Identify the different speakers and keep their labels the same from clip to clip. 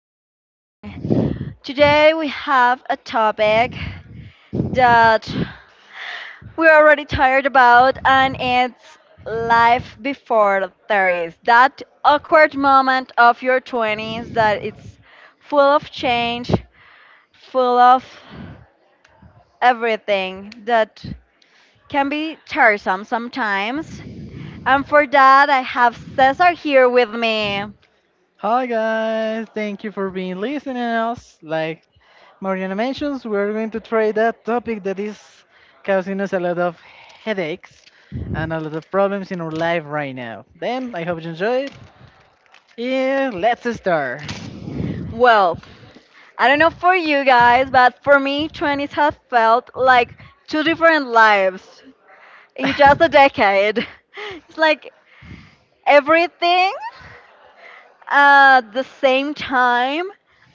Speaker 1: going? Today we have a topic that we're already tired about, and it's life before 30s. That awkward moment of your 20s that it's full of change, full of everything that can be tiresome sometimes. And for that, I have Cesar here with me.
Speaker 2: Hi guys, thank you for being listening us. Like Mariana mentions, we're going to try that topic that is causing us a lot of headaches and a lot of problems in our life right now. Then I hope you enjoy it. Yeah, let's start.
Speaker 1: Well, I don't know for you guys, but for me, 20s have felt like two different lives in just a
Speaker 2: I
Speaker 1: decade. It's like everything at the same time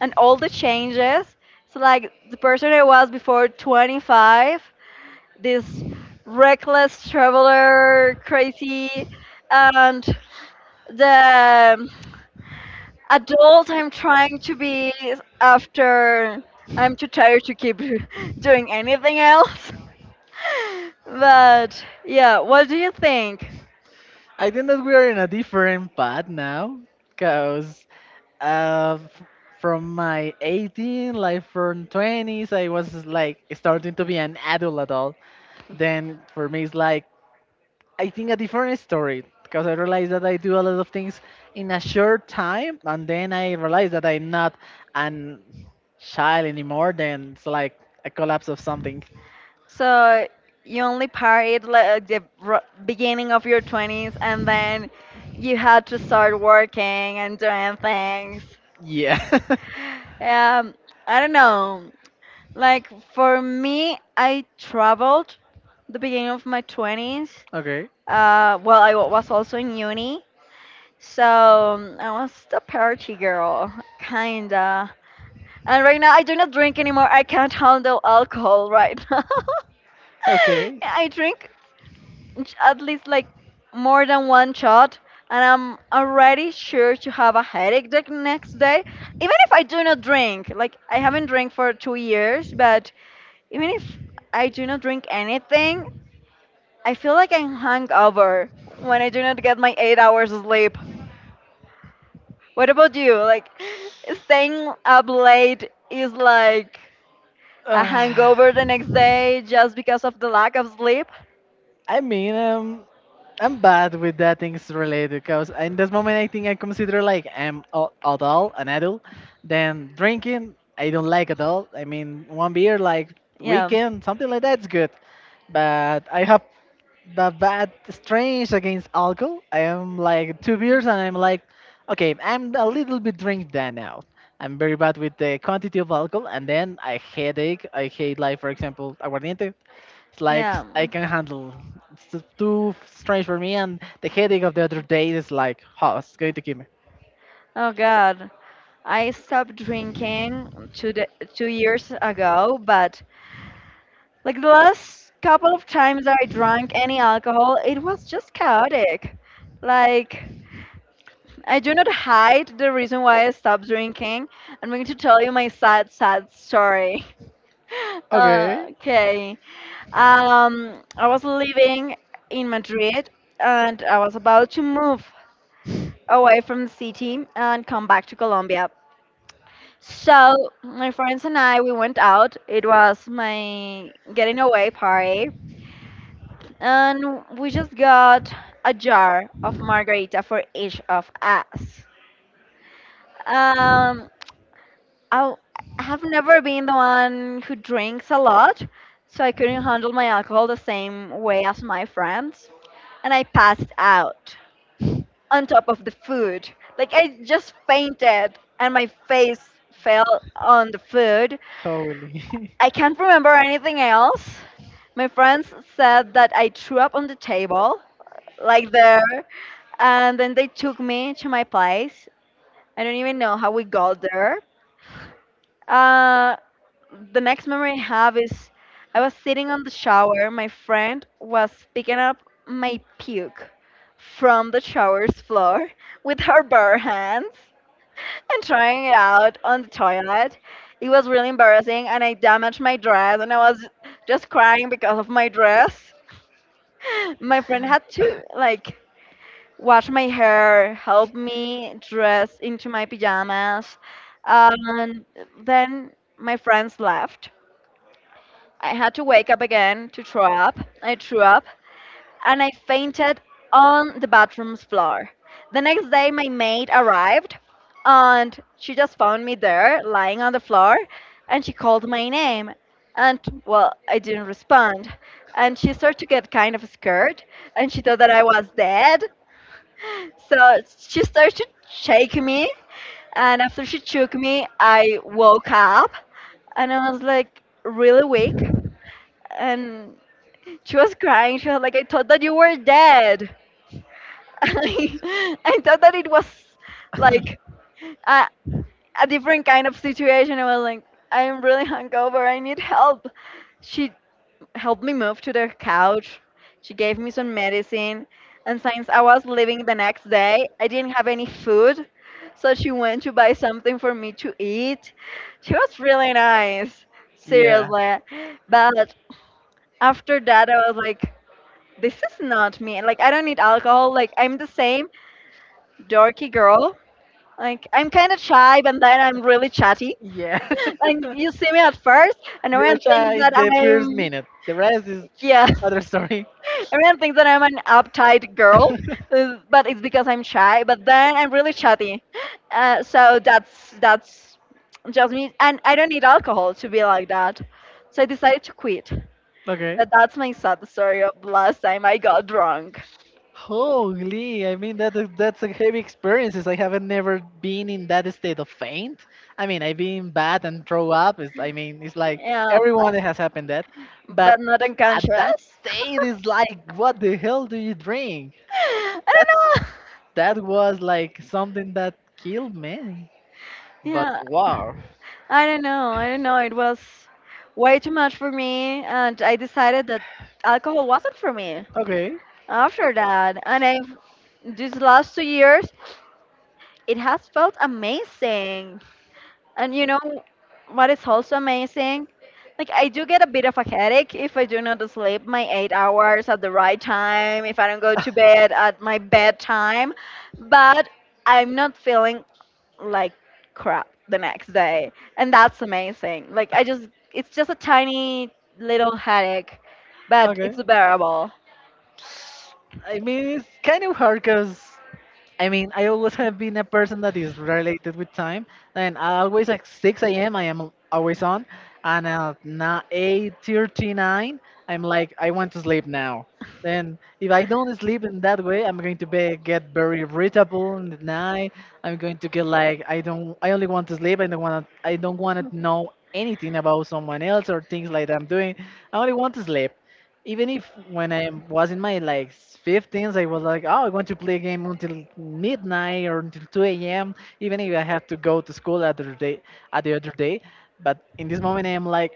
Speaker 1: and all the changes. It's like the person I was before 25, this reckless traveler, crazy, and the adult I'm trying to be after. I'm too tired to keep doing anything else. But yeah, what do you think?
Speaker 2: think that we are in a different path now, cause uh, f- from my 18, like from 20s, I was like starting to be an adult at all. Then for me, it's like I think a different story, because I realized that I do a lot of things in a short time, and then I realized that I'm not an child anymore. Then it's like a collapse of something.
Speaker 1: So you only partied like the beginning of your 20s and then you had to start working and doing things.
Speaker 2: Yeah.
Speaker 1: um I don't know, like for me, I traveled the beginning of my 20s.
Speaker 2: Okay.
Speaker 1: Well, I was also in uni. So I was the party girl, kinda. And right now I do not drink anymore. I can't handle alcohol right now.
Speaker 2: Okay.
Speaker 1: I drink at least like more than one shot, and I'm already sure to have a headache the next day. Even if I do not drink, like I haven't drank for 2 years, but even if I do not drink anything, I feel like I'm hungover when I do not get my 8 hours of sleep. What about you? Like, staying up late is like a
Speaker 2: Uh,
Speaker 1: hangover the next day just because of the lack of sleep?
Speaker 2: I mean, I'm bad with that things related, because in this moment I think I consider like I'm adult, an adult. Then drinking, I don't like adult. I mean, one beer like
Speaker 1: Yeah.
Speaker 2: weekend, something like that's good. But I have the bad strange against alcohol. I am like two beers and I'm like, okay, I'm a little bit drunk that now. I'm very bad with the quantity of alcohol, and then I headache. I hate like for example aguardiente. It's like
Speaker 1: Yeah.
Speaker 2: I can handle. It's too strange for me, and the headache of the other day is like, how it's going to kill me.
Speaker 1: Oh God, I stopped drinking 2 years ago, but like the last couple of times I drank any alcohol, it was just chaotic. Like I do not hide the reason why I stopped drinking. I'm going to tell you my sad, sad story.
Speaker 2: Okay,
Speaker 1: Okay. I was living in Madrid and I was about to move away from the city and come back to Colombia. So my friends and I, we went out. It was my getting away party, and we just got a jar of margarita for each of us. Um, I have never been the one who drinks a lot, so I couldn't handle my alcohol the same way as my friends. And I passed out on top of the food. Like I just fainted and my face fell on the food.
Speaker 2: holy.
Speaker 1: I can't remember anything else. My friends said that I threw up on the table, like there, and then they took me to my place. I don't even know how we got there. Uh, the next memory I have is I was sitting on the shower. My friend was picking up my puke from the shower's floor with her bare hands and trying it out on the toilet. It was really embarrassing, and I damaged my dress, and I was just crying because of my dress. My friend had to like wash my hair, help me dress into my pajamas, and then my friends left. I had to wake up again to throw up. I threw up and I fainted on the bathroom's floor. The next day, my maid arrived and she just found me there lying on the floor and she called my name. And well, I didn't respond. And she started to get kind of scared and she thought that I was dead. So she started to shake me. And after she shook me, I woke up and I was like really weak and she was crying. She was like, I thought that you were dead. I thought that it was like a, a different kind of situation. I was like, I'm really hungover. I need help. She helped me move to the couch. She gave me some medicine. And since I was leaving the next day, I didn't have any food. So she went to buy something for me to eat. She was really nice.
Speaker 2: Yeah.
Speaker 1: Seriously. But after that, I was like, this is not me. Like I don't need alcohol. Like I'm the same dorky girl. Like I'm kind of shy, but then I'm really chatty.
Speaker 2: Yeah.
Speaker 1: Like you see me at first, and
Speaker 2: You're
Speaker 1: everyone thinks
Speaker 2: shy
Speaker 1: that
Speaker 2: child the first
Speaker 1: I'm
Speaker 2: minute. The rest is
Speaker 1: yeah,
Speaker 2: other story.
Speaker 1: everyone thinks that I'm an uptight girl, but it's because I'm shy. But then I'm really chatty. So that's just me, and I don't need alcohol to be like that. So I decided to quit.
Speaker 2: Okay.
Speaker 1: But that's my sad story of last time I got drunk.
Speaker 2: Holy, I mean that that's a heavy experiences. I haven't never been in that state of faint. I mean, I've been bad and throw up. It's, I mean, it's like
Speaker 1: Yeah,
Speaker 2: everyone has happened that,
Speaker 1: but
Speaker 2: but
Speaker 1: not
Speaker 2: at that
Speaker 1: unconscious.
Speaker 2: state is like, what the hell do you drink?
Speaker 1: I
Speaker 2: That's
Speaker 1: don't know.
Speaker 2: that was like something that killed me. But
Speaker 1: Yeah,
Speaker 2: wow,
Speaker 1: I don't know. I don't know. It was way too much for me, and I decided that alcohol wasn't for me
Speaker 2: okay,
Speaker 1: after that. And I've these last 2 years, it has felt amazing. And you know what is also amazing? Like I do get a bit of a headache if I do not sleep my 8 hours at the right time, if I don't go to bed at my bedtime, but I'm not feeling like crap the next day. And that's amazing. Like I just it's just a tiny little headache, but
Speaker 2: okay.
Speaker 1: it's bearable.
Speaker 2: I mean, it's kind of hard, because I mean, I always have been a person that is related with time, and I always at 6 a.m., I am always on, and at 8:39 I'm like I want to sleep now. Then if I don't sleep in that way, I'm going to be, get very irritable in the night. I'm going to get like I don't I only want to sleep. I don't want to know anything about someone else or things like that I'm doing. I only want to sleep, even if when I was in my like 15s, I was like, oh, I want to play a game until midnight or until 2 a.m. Even if I had to go to school at the other day, at the other day. But in this moment, I am like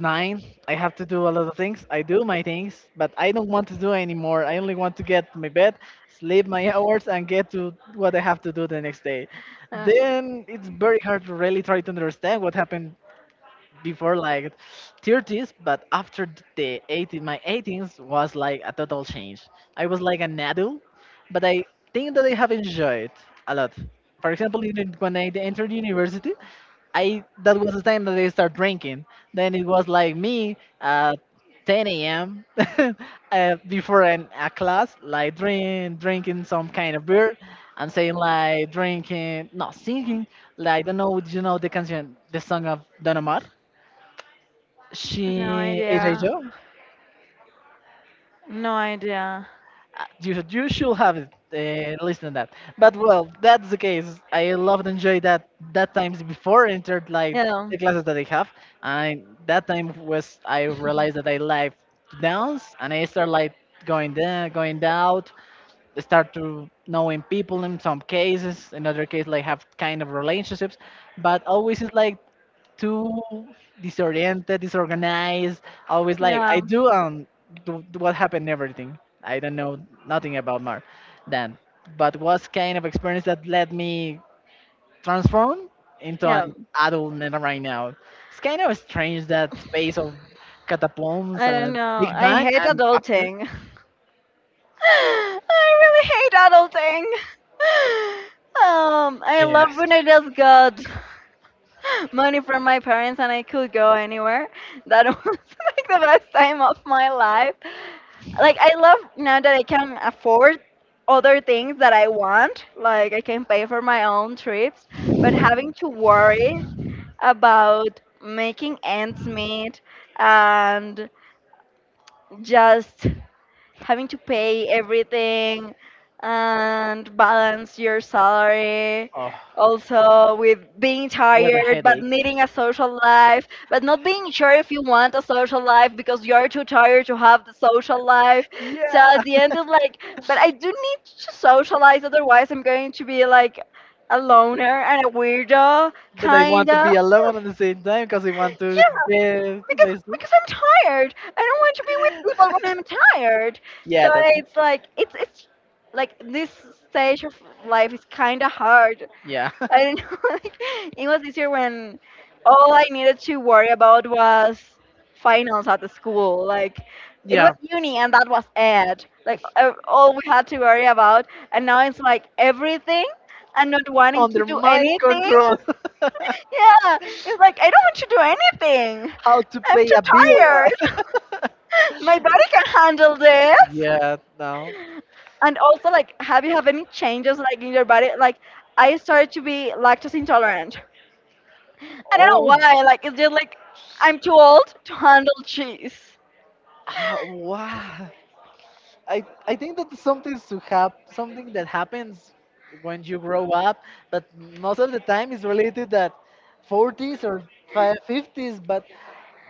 Speaker 2: nine. I have to do a lot of things. I do my things, but I don't want to do anymore. I only want to get to my bed, sleep my hours, and get to what I have to do the next day.
Speaker 1: Uh,
Speaker 2: Then it's very hard to really try to understand what happened before like 30s, but after the 18, my 18s was like a total change. I was like an adult, but I think that I have enjoyed a lot. For example, even when I entered university, I that was the time that I started drinking. Then it was like me at 10 a.m., before a class like drinking some kind of beer. I'm saying like drinking, not singing. Like, I don't know. Do you know the canción, the song of Don Omar?
Speaker 1: no
Speaker 2: She is a
Speaker 1: idea.
Speaker 2: job.
Speaker 1: No idea.
Speaker 2: You should have it, listened that. But well, that's the case. I loved enjoy that times before I entered like
Speaker 1: Yeah.
Speaker 2: the classes that I have. And that time was I realized that I like to dance and I start like going there, going out. I start to knowing people in some cases, in other case like have kind of relationships. But always it's like too disoriented, disorganized, always like
Speaker 1: Yeah.
Speaker 2: I do what happened everything. I don't know nothing about more. Then. But was kind of experience that let me transform into
Speaker 1: Yeah.
Speaker 2: an adult man right now. It's kind of strange that phase of catacombs,
Speaker 1: I don't know.
Speaker 2: Big
Speaker 1: I
Speaker 2: Bang,
Speaker 1: hate
Speaker 2: and after.
Speaker 1: adulting. I really hate adulting. I love
Speaker 2: Yes.
Speaker 1: when I just got money from my parents and I could go anywhere. That was like the best time of my life. Like I love now that I can afford other things that I want. Like I can pay for my own trips, but having to worry about making ends meet and just having to pay everything and balance your salary,
Speaker 2: Oh,
Speaker 1: also with being
Speaker 2: what a
Speaker 1: tired but
Speaker 2: headache.
Speaker 1: needing a social life but not being sure if you want a social life because you're too tired to have the social life. So
Speaker 2: Yeah,
Speaker 1: at the end it's like, but I do need to socialize, otherwise I'm going to be like a loner and a weirdo,
Speaker 2: but I want to
Speaker 1: kinda.
Speaker 2: be alone at the same time because I want to
Speaker 1: Yeah,
Speaker 2: get
Speaker 1: because
Speaker 2: basically.
Speaker 1: I'm tired. I don't want to be with people when I'm tired.
Speaker 2: Yeah,
Speaker 1: So
Speaker 2: that's
Speaker 1: it's like this stage of life is kind of hard.
Speaker 2: yeah,
Speaker 1: I don't know. Like, it was easier when all I needed to worry about was finals at the school. Like it was
Speaker 2: yeah.
Speaker 1: uni and that was it. Like all we had to worry about. And now it's like everything and not wanting to
Speaker 2: Under
Speaker 1: do
Speaker 2: my
Speaker 1: anything.
Speaker 2: control.
Speaker 1: Yeah, it's like I don't want to do anything.
Speaker 2: How to
Speaker 1: I'm
Speaker 2: pay
Speaker 1: too
Speaker 2: a bill?
Speaker 1: tired. My body can handle this.
Speaker 2: Yeah, no.
Speaker 1: And also, like, have you have any changes like in your body? Like, I started to be lactose intolerant. I don't know
Speaker 2: Oh,
Speaker 1: why. Like, it's just like I'm too old to handle cheese.
Speaker 2: ah, wow. I think that something that happens when you grow up, but most of the time is related that 40s or 50s. But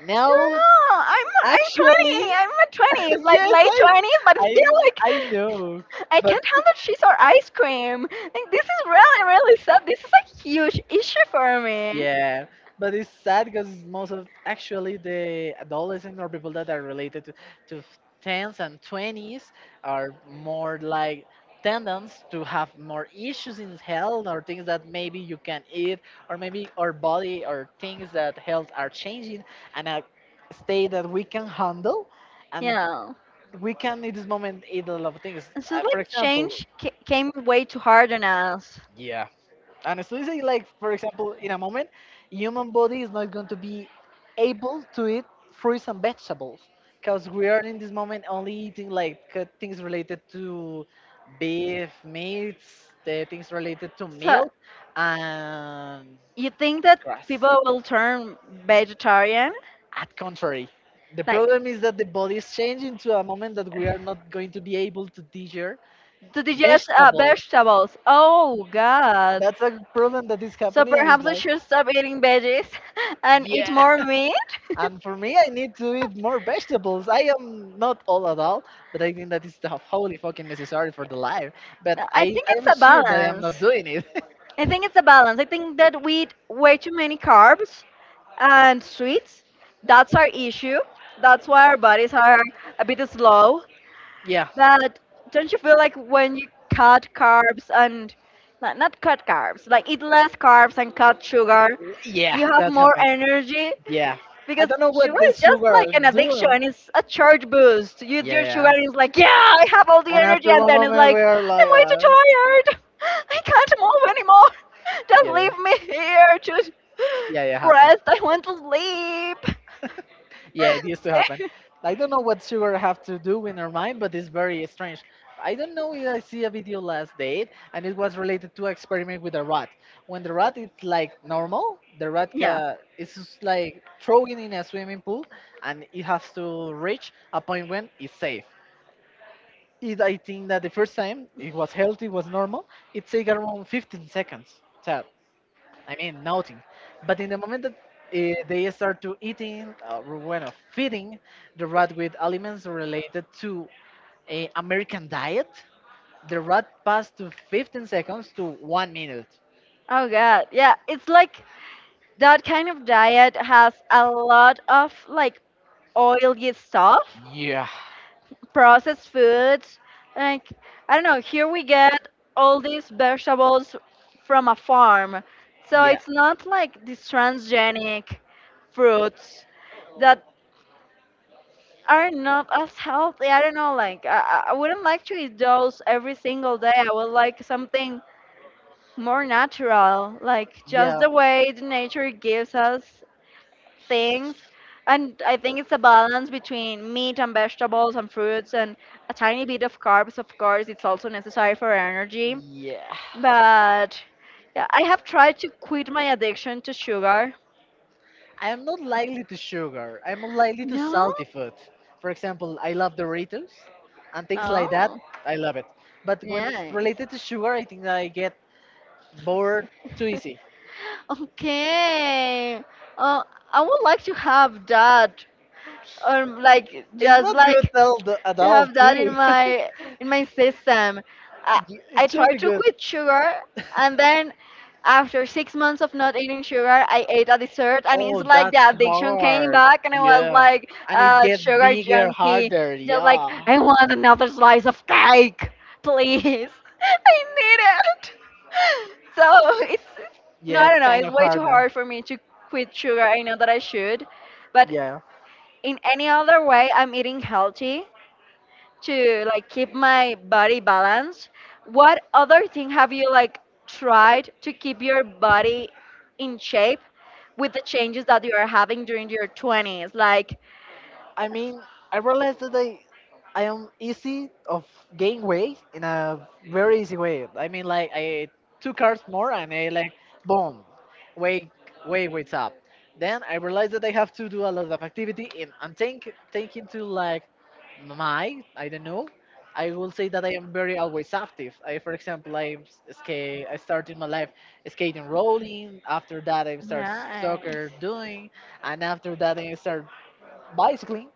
Speaker 2: now,
Speaker 1: No, I'm
Speaker 2: actually,
Speaker 1: 20. I'm at 20. It's like
Speaker 2: yes,
Speaker 1: late 20s, but
Speaker 2: I
Speaker 1: still like
Speaker 2: I know,
Speaker 1: I
Speaker 2: but.
Speaker 1: can't handle cheese or ice cream. Like, this is really really sad. This is a huge issue for me.
Speaker 2: Yeah, but it's sad because most of actually the adolescents or people that are related to tens and twenties are more like tendons to have more issues in health or things that maybe you can eat or maybe our body or things that health are changing, and a state that we can handle, and
Speaker 1: Yeah.
Speaker 2: we can in this moment eat a lot of things.
Speaker 1: And so
Speaker 2: For
Speaker 1: like
Speaker 2: example,
Speaker 1: came way too hard on us.
Speaker 2: yeah. Honestly say like for example in a moment human body is not going to be able to eat fruits and vegetables, because we are in this moment only eating like things related to beef meats, the things related to
Speaker 1: So
Speaker 2: milk and
Speaker 1: you think that
Speaker 2: grass.
Speaker 1: people will turn vegetarian?
Speaker 2: At contrary, the
Speaker 1: Like
Speaker 2: problem is that the body is changing to a moment that we are not going to be able to digest
Speaker 1: to digest
Speaker 2: vegetables.
Speaker 1: vegetables. Oh God.
Speaker 2: That's a problem that is
Speaker 1: So
Speaker 2: happening, and it's
Speaker 1: perhaps I
Speaker 2: like.
Speaker 1: should stop eating veggies and
Speaker 2: Yeah.
Speaker 1: eat more meat.
Speaker 2: And for me, I need to eat more vegetables. I am not all at all, but I think that is the wholly fucking necessary for the life. But
Speaker 1: I
Speaker 2: I,
Speaker 1: think
Speaker 2: I
Speaker 1: it's
Speaker 2: am
Speaker 1: a
Speaker 2: sure that I am not
Speaker 1: balance.
Speaker 2: doing it.
Speaker 1: I think it's a balance. I think that we eat way too many carbs and sweets. That's our issue. That's why our bodies are a bit slow.
Speaker 2: Yeah,
Speaker 1: But don't you feel like when you cut carbs and not cut carbs, like eat less carbs and cut sugar,
Speaker 2: yeah,
Speaker 1: you have
Speaker 2: that
Speaker 1: more
Speaker 2: happened.
Speaker 1: energy
Speaker 2: Yeah, I
Speaker 1: because
Speaker 2: don't know what
Speaker 1: sugar
Speaker 2: the
Speaker 1: is just
Speaker 2: sugar
Speaker 1: like an addiction.
Speaker 2: doing.
Speaker 1: It's a charge boost. Your sugar
Speaker 2: Yeah,
Speaker 1: is like, yeah, I have all the
Speaker 2: and
Speaker 1: energy,
Speaker 2: after
Speaker 1: and
Speaker 2: one
Speaker 1: then it's
Speaker 2: moment we
Speaker 1: like,
Speaker 2: are
Speaker 1: I'm
Speaker 2: like,
Speaker 1: way too tired. I can't move anymore. Just
Speaker 2: yeah,
Speaker 1: leave me here to
Speaker 2: yeah, yeah, happened.
Speaker 1: rest. I want to sleep.
Speaker 2: Yeah, it used to happen. I don't know what sugar have to do in her mind, but it's very strange. I don't know if I see a video last date, and it was related to experiment with a rat. When the rat is like normal, the rat
Speaker 1: See? Yeah.
Speaker 2: is just like throwing in a swimming pool, and it has to reach a point when it's safe. It, I think that the first time it was healthy, was normal. It take around 15 seconds. So, I mean nothing. But in the moment that they start to eating or when feeding the rat with aliments related to a American diet, the rat passed to 15 seconds to 1 minute.
Speaker 1: Oh god, yeah, it's like that kind of diet has a lot of like oily stuff,
Speaker 2: Yeah.
Speaker 1: processed foods. Like I don't know, here we get all these vegetables from a farm, so
Speaker 2: Yeah,
Speaker 1: it's not like these transgenic fruits that are not as healthy. I don't know, like I wouldn't like to eat those every single day. I would like something more natural, like just
Speaker 2: yeah,
Speaker 1: the way the nature gives us things. And I think it's a balance between meat and vegetables and fruits and a tiny bit of carbs, of course, it's also necessary for energy.
Speaker 2: yeah.
Speaker 1: But yeah, I have tried to quit my addiction to sugar.
Speaker 2: I am not likely to sugar. I'm likely to
Speaker 1: No?
Speaker 2: salty food. For example, I love Doritos and things like that.
Speaker 1: Oh,
Speaker 2: I love it. But when it's
Speaker 1: yes.
Speaker 2: related to sugar, I think I get bored too easy.
Speaker 1: Okay. Uh, I would like to have that. Like
Speaker 2: It's
Speaker 1: just
Speaker 2: not
Speaker 1: like
Speaker 2: good tell at
Speaker 1: to
Speaker 2: all,
Speaker 1: have that
Speaker 2: too.
Speaker 1: in my system. I, I
Speaker 2: It should
Speaker 1: tried
Speaker 2: be
Speaker 1: to
Speaker 2: good.
Speaker 1: quit sugar, and then after 6 months of not eating sugar, I ate a dessert, and it's
Speaker 2: Oh,
Speaker 1: like
Speaker 2: that's
Speaker 1: the addiction came
Speaker 2: hard.
Speaker 1: back, and I was
Speaker 2: Yeah.
Speaker 1: like
Speaker 2: And it
Speaker 1: a
Speaker 2: gets
Speaker 1: sugar
Speaker 2: bigger,
Speaker 1: junkie,
Speaker 2: harder.
Speaker 1: just like
Speaker 2: Yeah.
Speaker 1: I want another slice of cake, please. I need it. So it's no,
Speaker 2: Yeah,
Speaker 1: I
Speaker 2: it's
Speaker 1: don't know.
Speaker 2: kind
Speaker 1: It's
Speaker 2: of
Speaker 1: way too
Speaker 2: harder.
Speaker 1: hard for me to quit sugar. I know that I should, but
Speaker 2: Yeah.
Speaker 1: in any other way, I'm eating healthy to like keep my body balance. What other thing have you like tried to keep your body in shape with the changes that you are having during your 20s? Like,
Speaker 2: I mean, I realized that I am easy of gain weight in a very easy way. I mean, like I two carbs more and I like boom, weight weight weights up. Then I realized that I have to do a lot of activity and I'm think taking to like my I don't know. I will say that I am very always active. I, for example, I skate. I started my life skating, rolling. After that, I start
Speaker 1: nice.
Speaker 2: soccer doing, and after that, I start bicycling,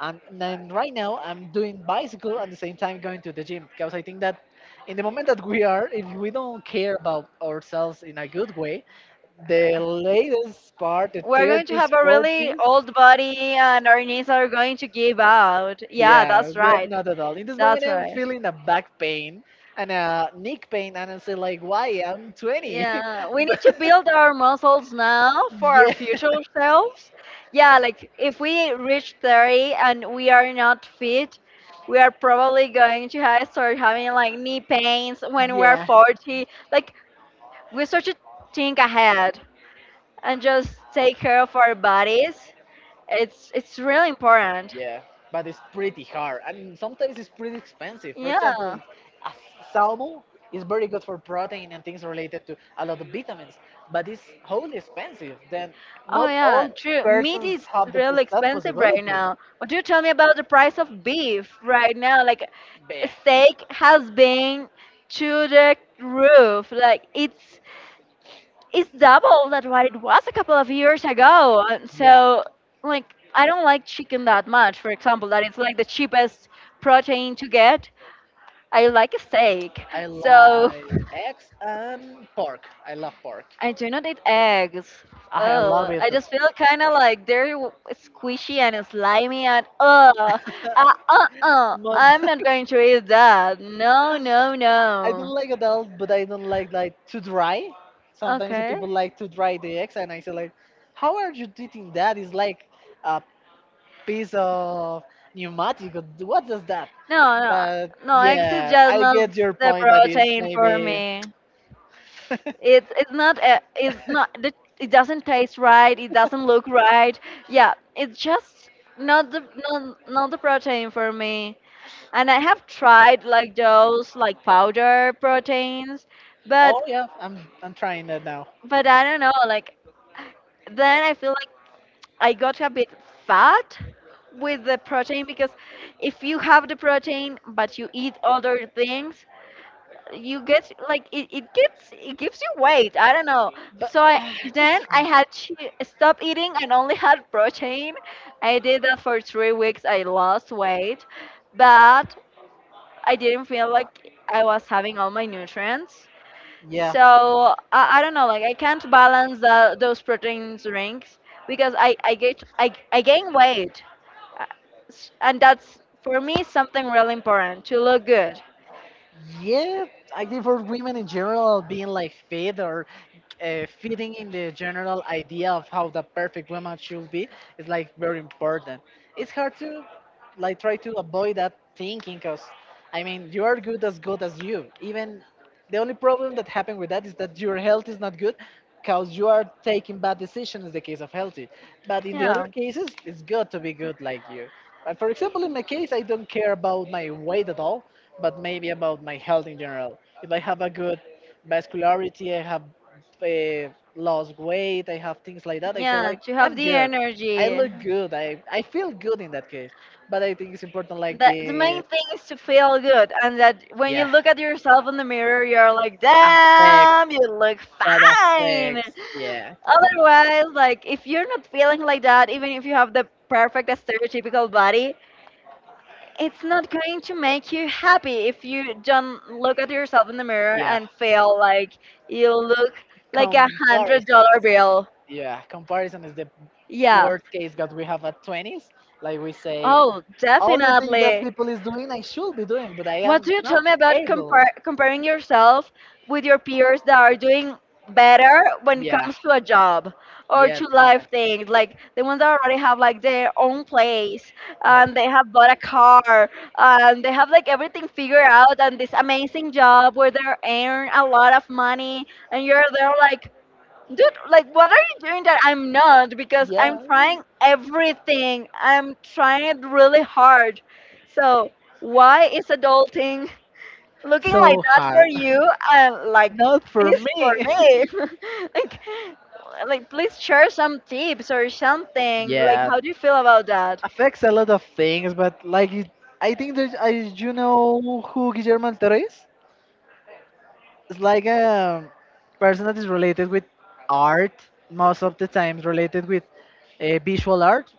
Speaker 2: and then right now I'm doing bicycle at the same time going to the gym, because I think that in the moment that we are, if we don't care about ourselves in a good way, the latest part, the
Speaker 1: We're going to
Speaker 2: 30s,
Speaker 1: have a really
Speaker 2: 40s.
Speaker 1: old body and our knees are going to give out. Yeah,
Speaker 2: Yeah,
Speaker 1: that's
Speaker 2: we're
Speaker 1: right.
Speaker 2: not at all. In this moment,
Speaker 1: That's
Speaker 2: I'm
Speaker 1: right.
Speaker 2: feeling a back pain and a neck pain, and I say like, why I'm 20?
Speaker 1: Yeah, we need to
Speaker 2: But
Speaker 1: build our muscles now for our
Speaker 2: yeah,
Speaker 1: future selves. Yeah, like if we reach 30 and we are not fit, we are probably going to have, start having like knee pains when we're
Speaker 2: yeah.
Speaker 1: 40. Like we start to think ahead and just take care of our bodies. It's really important.
Speaker 2: Yeah, but it's pretty hard, and sometimes it's pretty expensive. For
Speaker 1: Yeah.
Speaker 2: example, a salmon is very good for protein and things related to a lot of vitamins, but it's wholly expensive. Then
Speaker 1: Oh
Speaker 2: not
Speaker 1: yeah,
Speaker 2: all
Speaker 1: true. Meat
Speaker 2: persons
Speaker 1: is
Speaker 2: have
Speaker 1: really
Speaker 2: that
Speaker 1: expensive right
Speaker 2: possibility.
Speaker 1: now. What do you tell me about the price of beef right now? Like
Speaker 2: Beef,
Speaker 1: steak has been to the roof. Like it's double that what it was a couple of years ago. And
Speaker 2: yeah.
Speaker 1: so like I don't like chicken that much, for example, that it's like the cheapest protein to get. I like a steak.
Speaker 2: I
Speaker 1: So
Speaker 2: like eggs and pork. I love pork.
Speaker 1: I do not eat eggs.
Speaker 2: I love
Speaker 1: Oh,
Speaker 2: it.
Speaker 1: I just feel kind of like they're squishy and slimy and I'm
Speaker 2: Most.
Speaker 1: not going to eat that. No, no,
Speaker 2: I
Speaker 1: no.
Speaker 2: don't like adult, but I don't like too dry. Sometimes the
Speaker 1: Okay.
Speaker 2: people like to dry the eggs, and I say like, how are you eating that? It's like a piece of pneumatic, or what is that?
Speaker 1: No, no,
Speaker 2: But
Speaker 1: no. Eggs is
Speaker 2: yeah,
Speaker 1: just
Speaker 2: I
Speaker 1: not
Speaker 2: get your
Speaker 1: the
Speaker 2: point. That is
Speaker 1: protein for
Speaker 2: maybe.
Speaker 1: me. It's not it's not. It doesn't taste right. It doesn't look right. Yeah, it's just not the not, not the protein for me. And I have tried like those like powder proteins, but
Speaker 2: Oh yeah, I'm trying that now.
Speaker 1: but I don't know. Like then I feel like I got a bit fat with the protein because if you have the protein but you eat other things, you get like it gets it gives you weight, I don't know.
Speaker 2: But
Speaker 1: So I
Speaker 2: that's
Speaker 1: then I
Speaker 2: fine.
Speaker 1: had to stop eating and only had protein. I did that for 3 weeks. I lost weight, but I didn't feel like I was having all my nutrients.
Speaker 2: Yeah.
Speaker 1: So I don't know, like I can't balance those protein drinks because I gain weight. Uh, and that's for me something really important to look good.
Speaker 2: Yeah, I think for women in general, being like fit or fitting in the general idea of how the perfect woman should be is like very important. It's hard to like try to avoid that thinking because I mean, you are good as you. Even the only problem that happened with that is that your health is not good because you are taking bad decisions in the case of healthy. But in the other
Speaker 1: Yeah.
Speaker 2: cases, it's good to be good like you. But for example, in my case, I don't care about my weight at all, but maybe about my health in general. If I have a good vascularity, I have lost weight, I have things like that, I say
Speaker 1: Yeah,
Speaker 2: like
Speaker 1: to have
Speaker 2: I'm
Speaker 1: the
Speaker 2: good. I
Speaker 1: energy.
Speaker 2: look good. I feel good in that case. But I think it's important like
Speaker 1: That the main thing is to feel good, and that when you
Speaker 2: yeah,
Speaker 1: look at yourself in the mirror, you're like,
Speaker 2: affect
Speaker 1: "Damn, you look
Speaker 2: that
Speaker 1: fine."
Speaker 2: affects, yeah,
Speaker 1: Otherwise, like if you're not feeling like that, even if you have the perfect stereotypical body, it's not going to make you happy if you don't look at yourself in the mirror
Speaker 2: yeah,
Speaker 1: and feel like you look like $100
Speaker 2: comparisons.
Speaker 1: bill.
Speaker 2: Yeah, comparison is the
Speaker 1: Yeah.
Speaker 2: worst case that we have at 20s, like we say,
Speaker 1: Oh,
Speaker 2: all the things that
Speaker 1: definitely.
Speaker 2: people is doing I should be doing, but I
Speaker 1: What
Speaker 2: am
Speaker 1: do you
Speaker 2: not
Speaker 1: tell me about
Speaker 2: able.
Speaker 1: comparing yourself with your peers that are doing better when it
Speaker 2: Yeah.
Speaker 1: comes to a job or
Speaker 2: Yeah,
Speaker 1: to
Speaker 2: it happened.
Speaker 1: life things? Like the ones that already have like their own place
Speaker 2: Oh.
Speaker 1: and they have bought a car and they have like everything figured out and this amazing job where they earn a lot of money and you're there like, dude, like, what are you doing that I'm not? Because I'm
Speaker 2: Yeah,
Speaker 1: trying everything. I'm trying it really hard. So, why is adulting looking
Speaker 2: so
Speaker 1: like that for
Speaker 2: hard.
Speaker 1: you and like
Speaker 2: Not for
Speaker 1: this for
Speaker 2: me.
Speaker 1: me? like, like, please share some tips or something. Like,
Speaker 2: Yeah,
Speaker 1: how do you feel about that?
Speaker 2: affects a lot of things, but like you, I think that you know who Guillermo del Toro is. It's like a person that is related with art, most of the times related with visual art,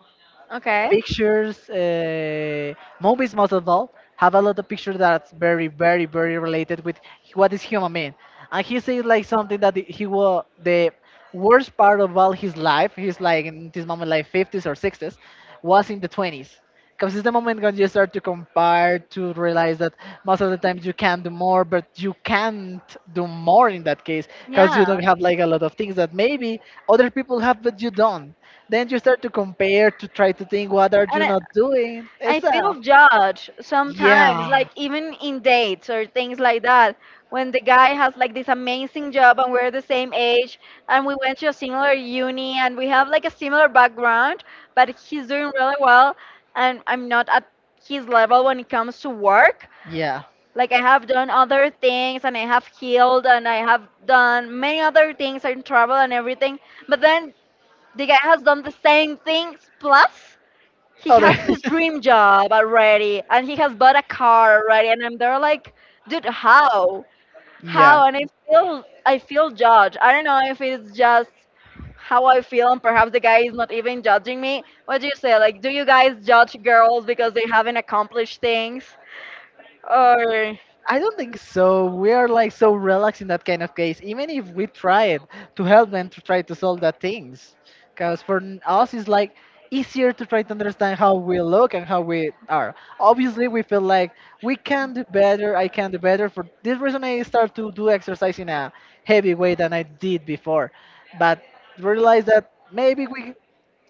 Speaker 1: Okay.
Speaker 2: pictures, movies most of all, have a lot of pictures that's very, very, very related with what is human being. And he said like something that he was the worst part of all his life. He's like, in this moment, like 50s or 60s, was in the 20s. Because it's the moment when you start to compare, to realize that most of the times you can do more, but you can't do more in that case because
Speaker 1: Yeah.
Speaker 2: you don't have like a lot of things that maybe other people have, but you don't. Then you start to compare, to try to think what are
Speaker 1: And
Speaker 2: you
Speaker 1: I,
Speaker 2: not doing.
Speaker 1: I
Speaker 2: It's
Speaker 1: feel
Speaker 2: a.
Speaker 1: judged sometimes,
Speaker 2: Yeah.
Speaker 1: like even in dates or things like that. When the guy has like this amazing job and we're the same age and we went to a similar uni and we have like a similar background, but he's doing really well and I'm not at his level when it comes to work.
Speaker 2: Yeah.
Speaker 1: Like I have done other things and I have healed and I have done many other things and travel and everything. But then the guy has done the same things plus he
Speaker 2: Other.
Speaker 1: has his dream job already and he has bought a car already, and I'm there like, dude, how,
Speaker 2: Yeah.
Speaker 1: how. And I feel judged. I don't know if it's just how I feel, and perhaps the guy is not even judging me. What do you say, like, do you guys judge girls because they haven't accomplished things or,
Speaker 2: I don't think so. We are like so relaxed in that kind of case, even if we try it to help them to try to solve that things. Because for us, it's like easier to try to understand how we look and how we are. Obviously, we feel like we can do better. I can do better. For this reason, I start to do exercise in a heavy way than I did before. But realize that maybe we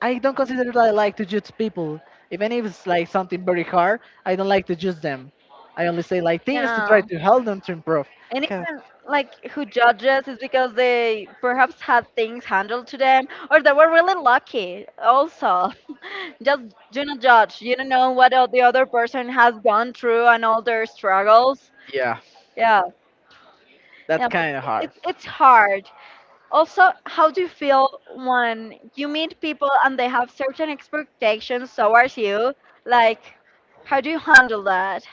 Speaker 2: I don't consider that I like to judge people. Even if it's like something very hard, I don't like to judge them. I only say like things to try
Speaker 1: yeah,
Speaker 2: to help them to improve. 'Cause,
Speaker 1: anyone like who judges is because they perhaps had things handled to them, or they were really lucky also. Just do not judge. You don't know what the other person has gone through and all their struggles.
Speaker 2: yeah,
Speaker 1: Yeah,
Speaker 2: that's
Speaker 1: yeah. But
Speaker 2: kind of hard.
Speaker 1: it's hard also. How do you feel when you meet people and they have certain expectations towards you? Like, how do you handle that?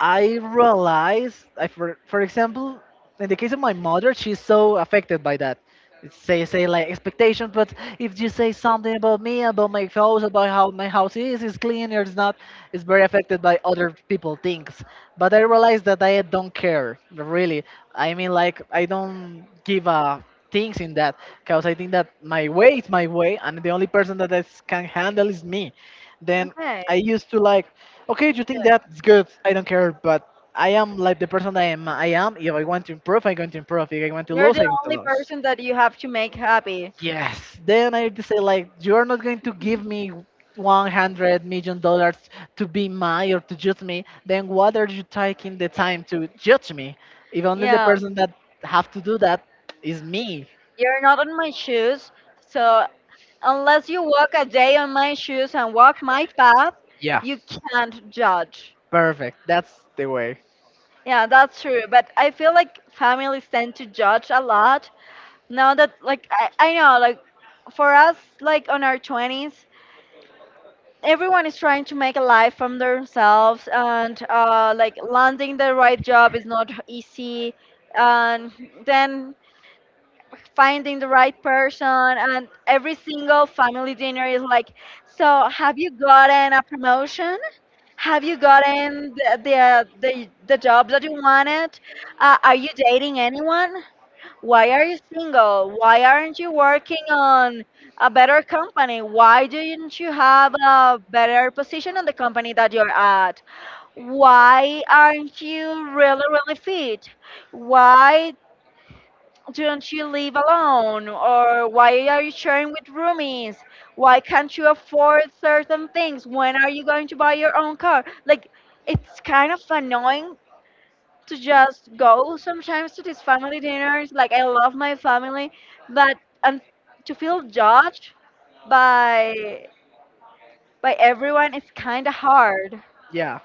Speaker 2: I realize, I for example, in the case of my mother, she's so affected by that. It's, say like expectations, but if you say something about me, about my house, about how my house is clean or it's not, it's very affected by other people things. But I realize that I don't care really. I mean, like I don't give a things in that because I think that my way is my way, and the only person that can handle is me. Then I
Speaker 1: Okay.
Speaker 2: used to like, okay, you think that's good. I don't care, but I am like the person I am. I am. If I want to improve, I'm going to improve. If I want to
Speaker 1: You're
Speaker 2: lose,
Speaker 1: the
Speaker 2: I want to
Speaker 1: only
Speaker 2: lose.
Speaker 1: person that you have to make happy.
Speaker 2: Yes. Then I just say like, you are not going to give me $100 million to be my or to judge me. Then what are you taking the time to judge me? If only the
Speaker 1: Yeah.
Speaker 2: person that have to do that is me.
Speaker 1: You're not on my shoes. So unless you walk a day on my shoes and walk my path, you can't judge.
Speaker 2: Perfect. That's the way.
Speaker 1: Yeah, that's true. But I feel like families tend to judge a lot. Now that like I know, like, for us, like on our twenties, everyone is trying to make a life from themselves, and like landing the right job is not easy, and then finding the right person, and every single family dinner is like, so have you gotten a promotion, have you gotten the job that you wanted, are you dating anyone, why are you single? Why aren't you working on a better company? Why didn't you have a better position on the company that you're at? Why aren't you really, really fit? Why don't you live alone? Or why are you sharing with roomies? Why can't you afford certain things? When are you going to buy your own car? Like, it's kind of annoying to just go sometimes to these family dinners. Like I love my family, but and to feel judged by by everyone is kind of hard.
Speaker 2: Yeah.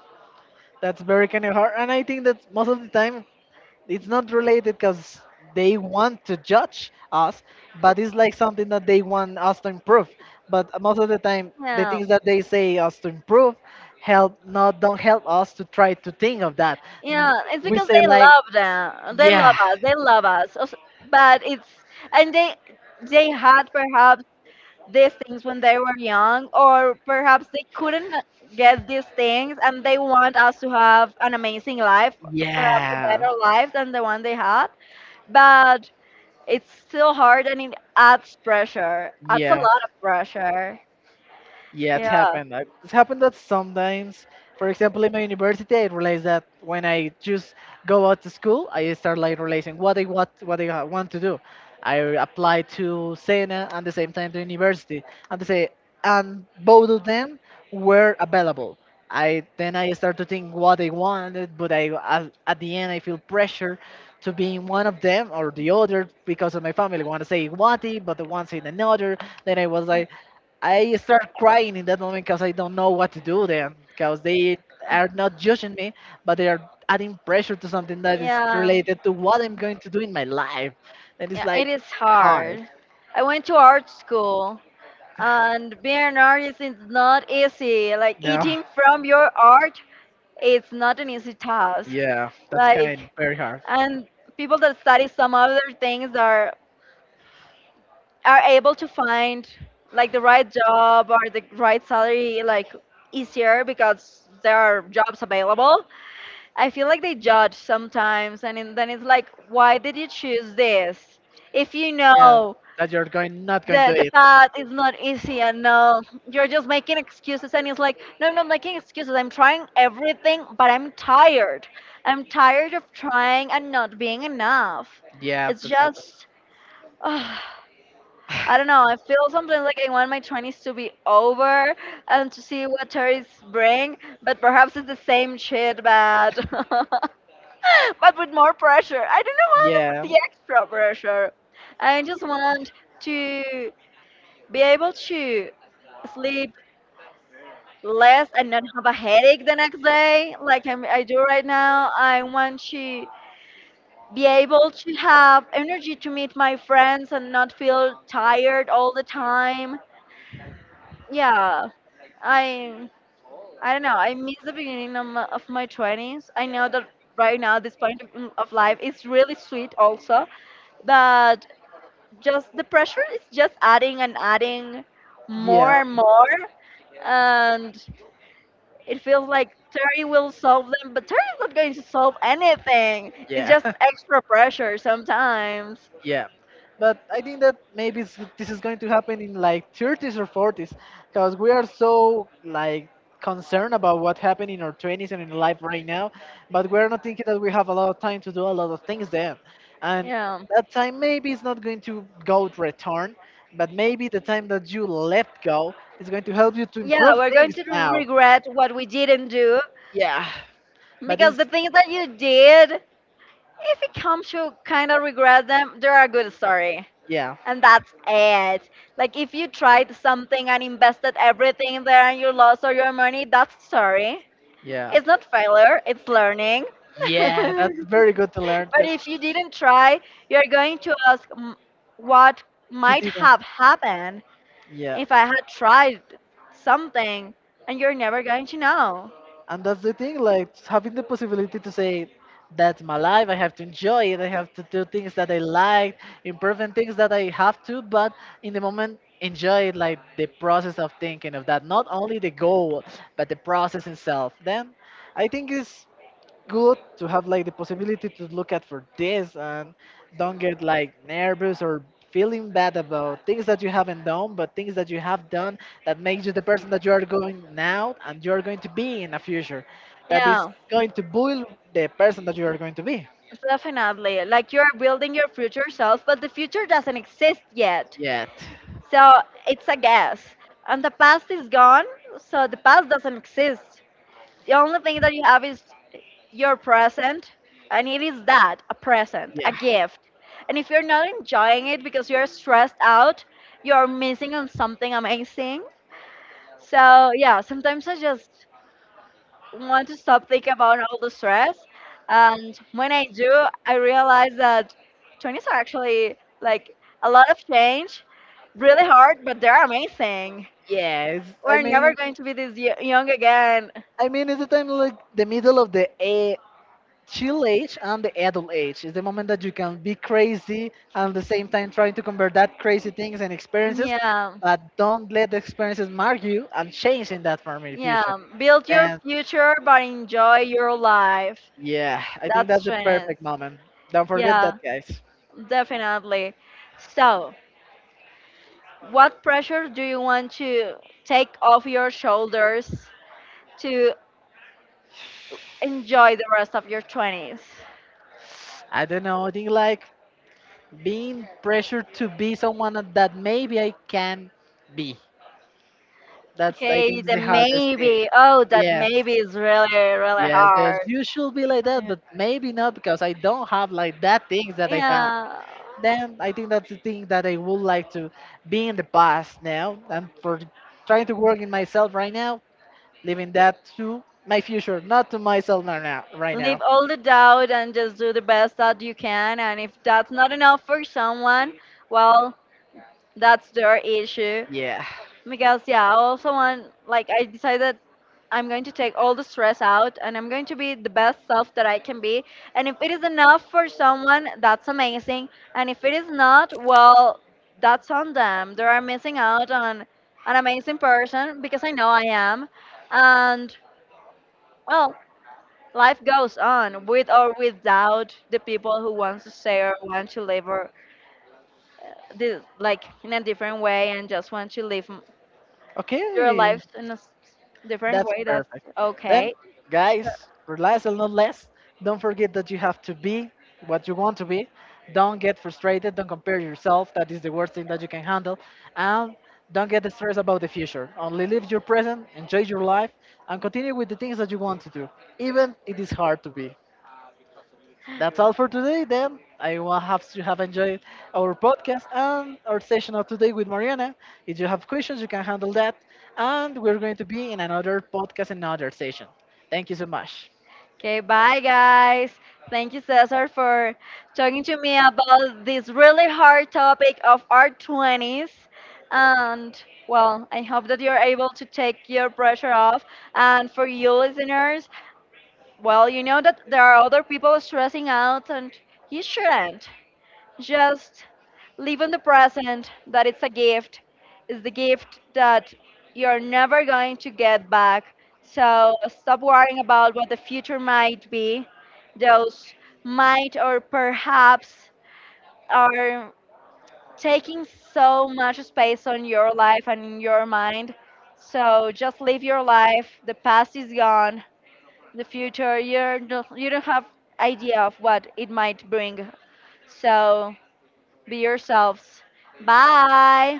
Speaker 2: That's very kind of hard, and I think that most of the time it's not related because they want to judge us, but it's like something that they want us to improve. But most of the time, the
Speaker 1: Yeah,
Speaker 2: things that they say us to improve help not don't help us to try to think of that.
Speaker 1: yeah. It's
Speaker 2: We
Speaker 1: because
Speaker 2: say
Speaker 1: they
Speaker 2: like,
Speaker 1: love them. They love
Speaker 2: yeah,
Speaker 1: us. They love us. Also, but it's and they had perhaps these things when they were young, or perhaps they couldn't get these things, and they want us to have an amazing life, perhaps a
Speaker 2: yeah,
Speaker 1: better life than the one they had, but it's still hard and it adds pressure. Adds a
Speaker 2: yeah.
Speaker 1: lot of pressure.
Speaker 2: Yeah, it's
Speaker 1: Yeah.
Speaker 2: happened. It's happened that sometimes, for example, in my university, I realized that when I just go out to school, I start like realizing what I want to do. I apply to Sena and the same time to university, and they say and both of them were available. I then I start to think what I wanted, but I at the end I feel pressure to be in one of them or the other because of my family. Want to say one thing, but the one saying another. Then I was like, I start crying in that moment because I don't know what to do then because they are not judging me, but they are adding pressure to something that is
Speaker 1: Yeah.
Speaker 2: related to what I'm going to do in my life. And it's
Speaker 1: Yeah, it
Speaker 2: like
Speaker 1: is
Speaker 2: hard.
Speaker 1: hard. I went to art school, and being an artist is not easy. Like,
Speaker 2: No.
Speaker 1: eating from your art, it's not an easy task.
Speaker 2: Yeah, that's kind
Speaker 1: Like,
Speaker 2: very hard.
Speaker 1: and people that study some other things are able to find like the right job or the right salary like easier because there are jobs available. I feel like they judge sometimes, and in, then it's like, why did you choose this? If you
Speaker 2: Yeah,
Speaker 1: know
Speaker 2: that you're going not going to
Speaker 1: the
Speaker 2: eat.
Speaker 1: path is not easy, and no, you're just making excuses, and it's like, no, no, I'm not making excuses. I'm trying everything, but I'm tired. I'm tired of trying and not being enough.
Speaker 2: Yeah,
Speaker 1: It's
Speaker 2: that's happened.
Speaker 1: just. Ah, I don't know. I feel sometimes like I want my 20s to be over and to see what 30s bring, but perhaps it's the same shit, bad. But with more pressure. I don't want
Speaker 2: Yeah,
Speaker 1: the extra pressure. I just want to be able to sleep less and not have a headache the next day, like I do right now. I want to be able to have energy to meet my friends and not feel tired all the time. Yeah, I I don't know. I miss the beginning of of my 20s. I know that right now this point of life is really sweet also, but just the pressure is just adding and adding more
Speaker 2: yeah,
Speaker 1: and more, and it feels like terry will solve them, but terry's not going to solve anything. It's
Speaker 2: yeah.
Speaker 1: just extra pressure sometimes.
Speaker 2: Yeah, but I think that maybe this is going to happen in like 30s or 40s, because we are so like concerned about what happened in our 20s and in life right now, but we're not thinking that we have a lot of time to do a lot of things then, and
Speaker 1: Yeah.
Speaker 2: that time maybe is not going to go to return, but maybe the time that you let go is going to help you to
Speaker 1: Yeah,
Speaker 2: improve
Speaker 1: we're going
Speaker 2: things
Speaker 1: to
Speaker 2: now.
Speaker 1: regret what we didn't do
Speaker 2: Yeah, but
Speaker 1: because the
Speaker 2: it's.
Speaker 1: things that you did, if it comes to kind of regret them, they're a good story,
Speaker 2: Yeah,
Speaker 1: and that's it. Like if you tried something and invested everything there and you lost all your money, that's sorry.
Speaker 2: yeah,
Speaker 1: It's not failure, it's learning.
Speaker 2: yeah. That's very good to learn.
Speaker 1: But if
Speaker 2: 'Cause
Speaker 1: you didn't try, you're going to ask "M- what
Speaker 2: you
Speaker 1: might
Speaker 2: didn't.
Speaker 1: have happened
Speaker 2: Yeah.
Speaker 1: if I had tried something, and you're never going to know.
Speaker 2: And that's the thing, like having the possibility to say, that's my life, I have to enjoy it, I have to do things that I like, improve in things that I have to, but in the moment, enjoy it, like the process of thinking of that, not only the goal, but the process itself. Then I think it's good to have like the possibility to look at for this and don't get like nervous or feeling bad about things that you haven't done but things that you have done that makes you the person that you are going now and you are going to be in the future that is
Speaker 1: Yeah,
Speaker 2: going to build the person that you are going to be.
Speaker 1: definitely. Like you're building your future self, but the future doesn't exist yet.
Speaker 2: Yet.
Speaker 1: So it's a guess. And the past is gone, so the past doesn't exist. The only thing that you have is your present, and it is that a present, a
Speaker 2: Yeah.
Speaker 1: gift. And if you're not enjoying it because you're stressed out, you're missing on something amazing. So, yeah, sometimes I just want to stop thinking about all the stress. And when I do, I realize that 20s are actually like a lot of change, really hard, but they're amazing.
Speaker 2: Yeah, yes, i
Speaker 1: We're never
Speaker 2: mean
Speaker 1: going to be this young again.
Speaker 2: i mean it's the time like the middle of the a chill age and the adult age is the moment that you can be crazy and at the same time trying to convert that crazy things and experiences,
Speaker 1: Yeah.
Speaker 2: but don't let the experiences mark you and change in that form in the
Speaker 1: Yeah.
Speaker 2: future.
Speaker 1: Build your
Speaker 2: And
Speaker 1: future, but enjoy your life.
Speaker 2: yeah, I think
Speaker 1: That's
Speaker 2: that's the
Speaker 1: training.
Speaker 2: perfect moment. Don't forget that,
Speaker 1: Yeah,
Speaker 2: guys.
Speaker 1: definitely. So, what pressure do you want to take off your shoulders to enjoy the rest of your 20s?
Speaker 2: I don't know, I think like being pressured to be someone that maybe I can be, that's I
Speaker 1: Okay,
Speaker 2: think
Speaker 1: the
Speaker 2: the hardest thing.
Speaker 1: maybe. Oh, that
Speaker 2: Yes,
Speaker 1: maybe is really, really
Speaker 2: yes, yes.
Speaker 1: hard.
Speaker 2: You should be like that, but maybe not because I don't have like that things that I have.
Speaker 1: Yeah.
Speaker 2: Then I think that's the thing that I would like to be in the past now. I'm for trying to work in myself right now, leaving that to my future, not to myself right now. Right now.
Speaker 1: Leave all the doubt and just do the best that you can, and if that's not enough for someone, well, that's their issue
Speaker 2: Yeah.
Speaker 1: because, yeah, I also want, like, I decided I'm going to take all the stress out and I'm going to be the best self that I can be, and if it is enough for someone, that's amazing, and if it is not, well, that's on them. They are missing out on an amazing person because I know I am. And, well, life goes on with or without the people who want to stay or want to live or like in a different way and just want to live your
Speaker 2: Okay.
Speaker 1: lives in a different
Speaker 2: That's
Speaker 1: way. That's
Speaker 2: perfect. Then,
Speaker 1: okay. So,
Speaker 2: guys, relax and not less. Don't forget that you have to be what you want to be. Don't get frustrated. Don't compare yourself. That is the worst thing that you can handle. And don't get stressed about the future. Only live your present, enjoy your life, and continue with the things that you want to do, even it is hard to be. That's all for today, then. I will have to have enjoyed our podcast and our session of today with Mariana. If you have questions, you can handle that. And we're going to be in another podcast, another session. Thank you so much.
Speaker 1: okay, bye guys. Thank you, Cesar, for talking to me about this really hard topic of our 20s. And, well, I hope that you're able to take your pressure off. And for you listeners, well, you know that there are other people stressing out, and you shouldn't. Just live in the present, that it's a gift. It's the gift that you're never going to get back. So stop worrying about what the future might be. Those might or perhaps are taking so much space on your life and in your mind. So just live your life. The past is gone, the future you're not, you don't have idea of what it might bring, so be yourselves. Bye.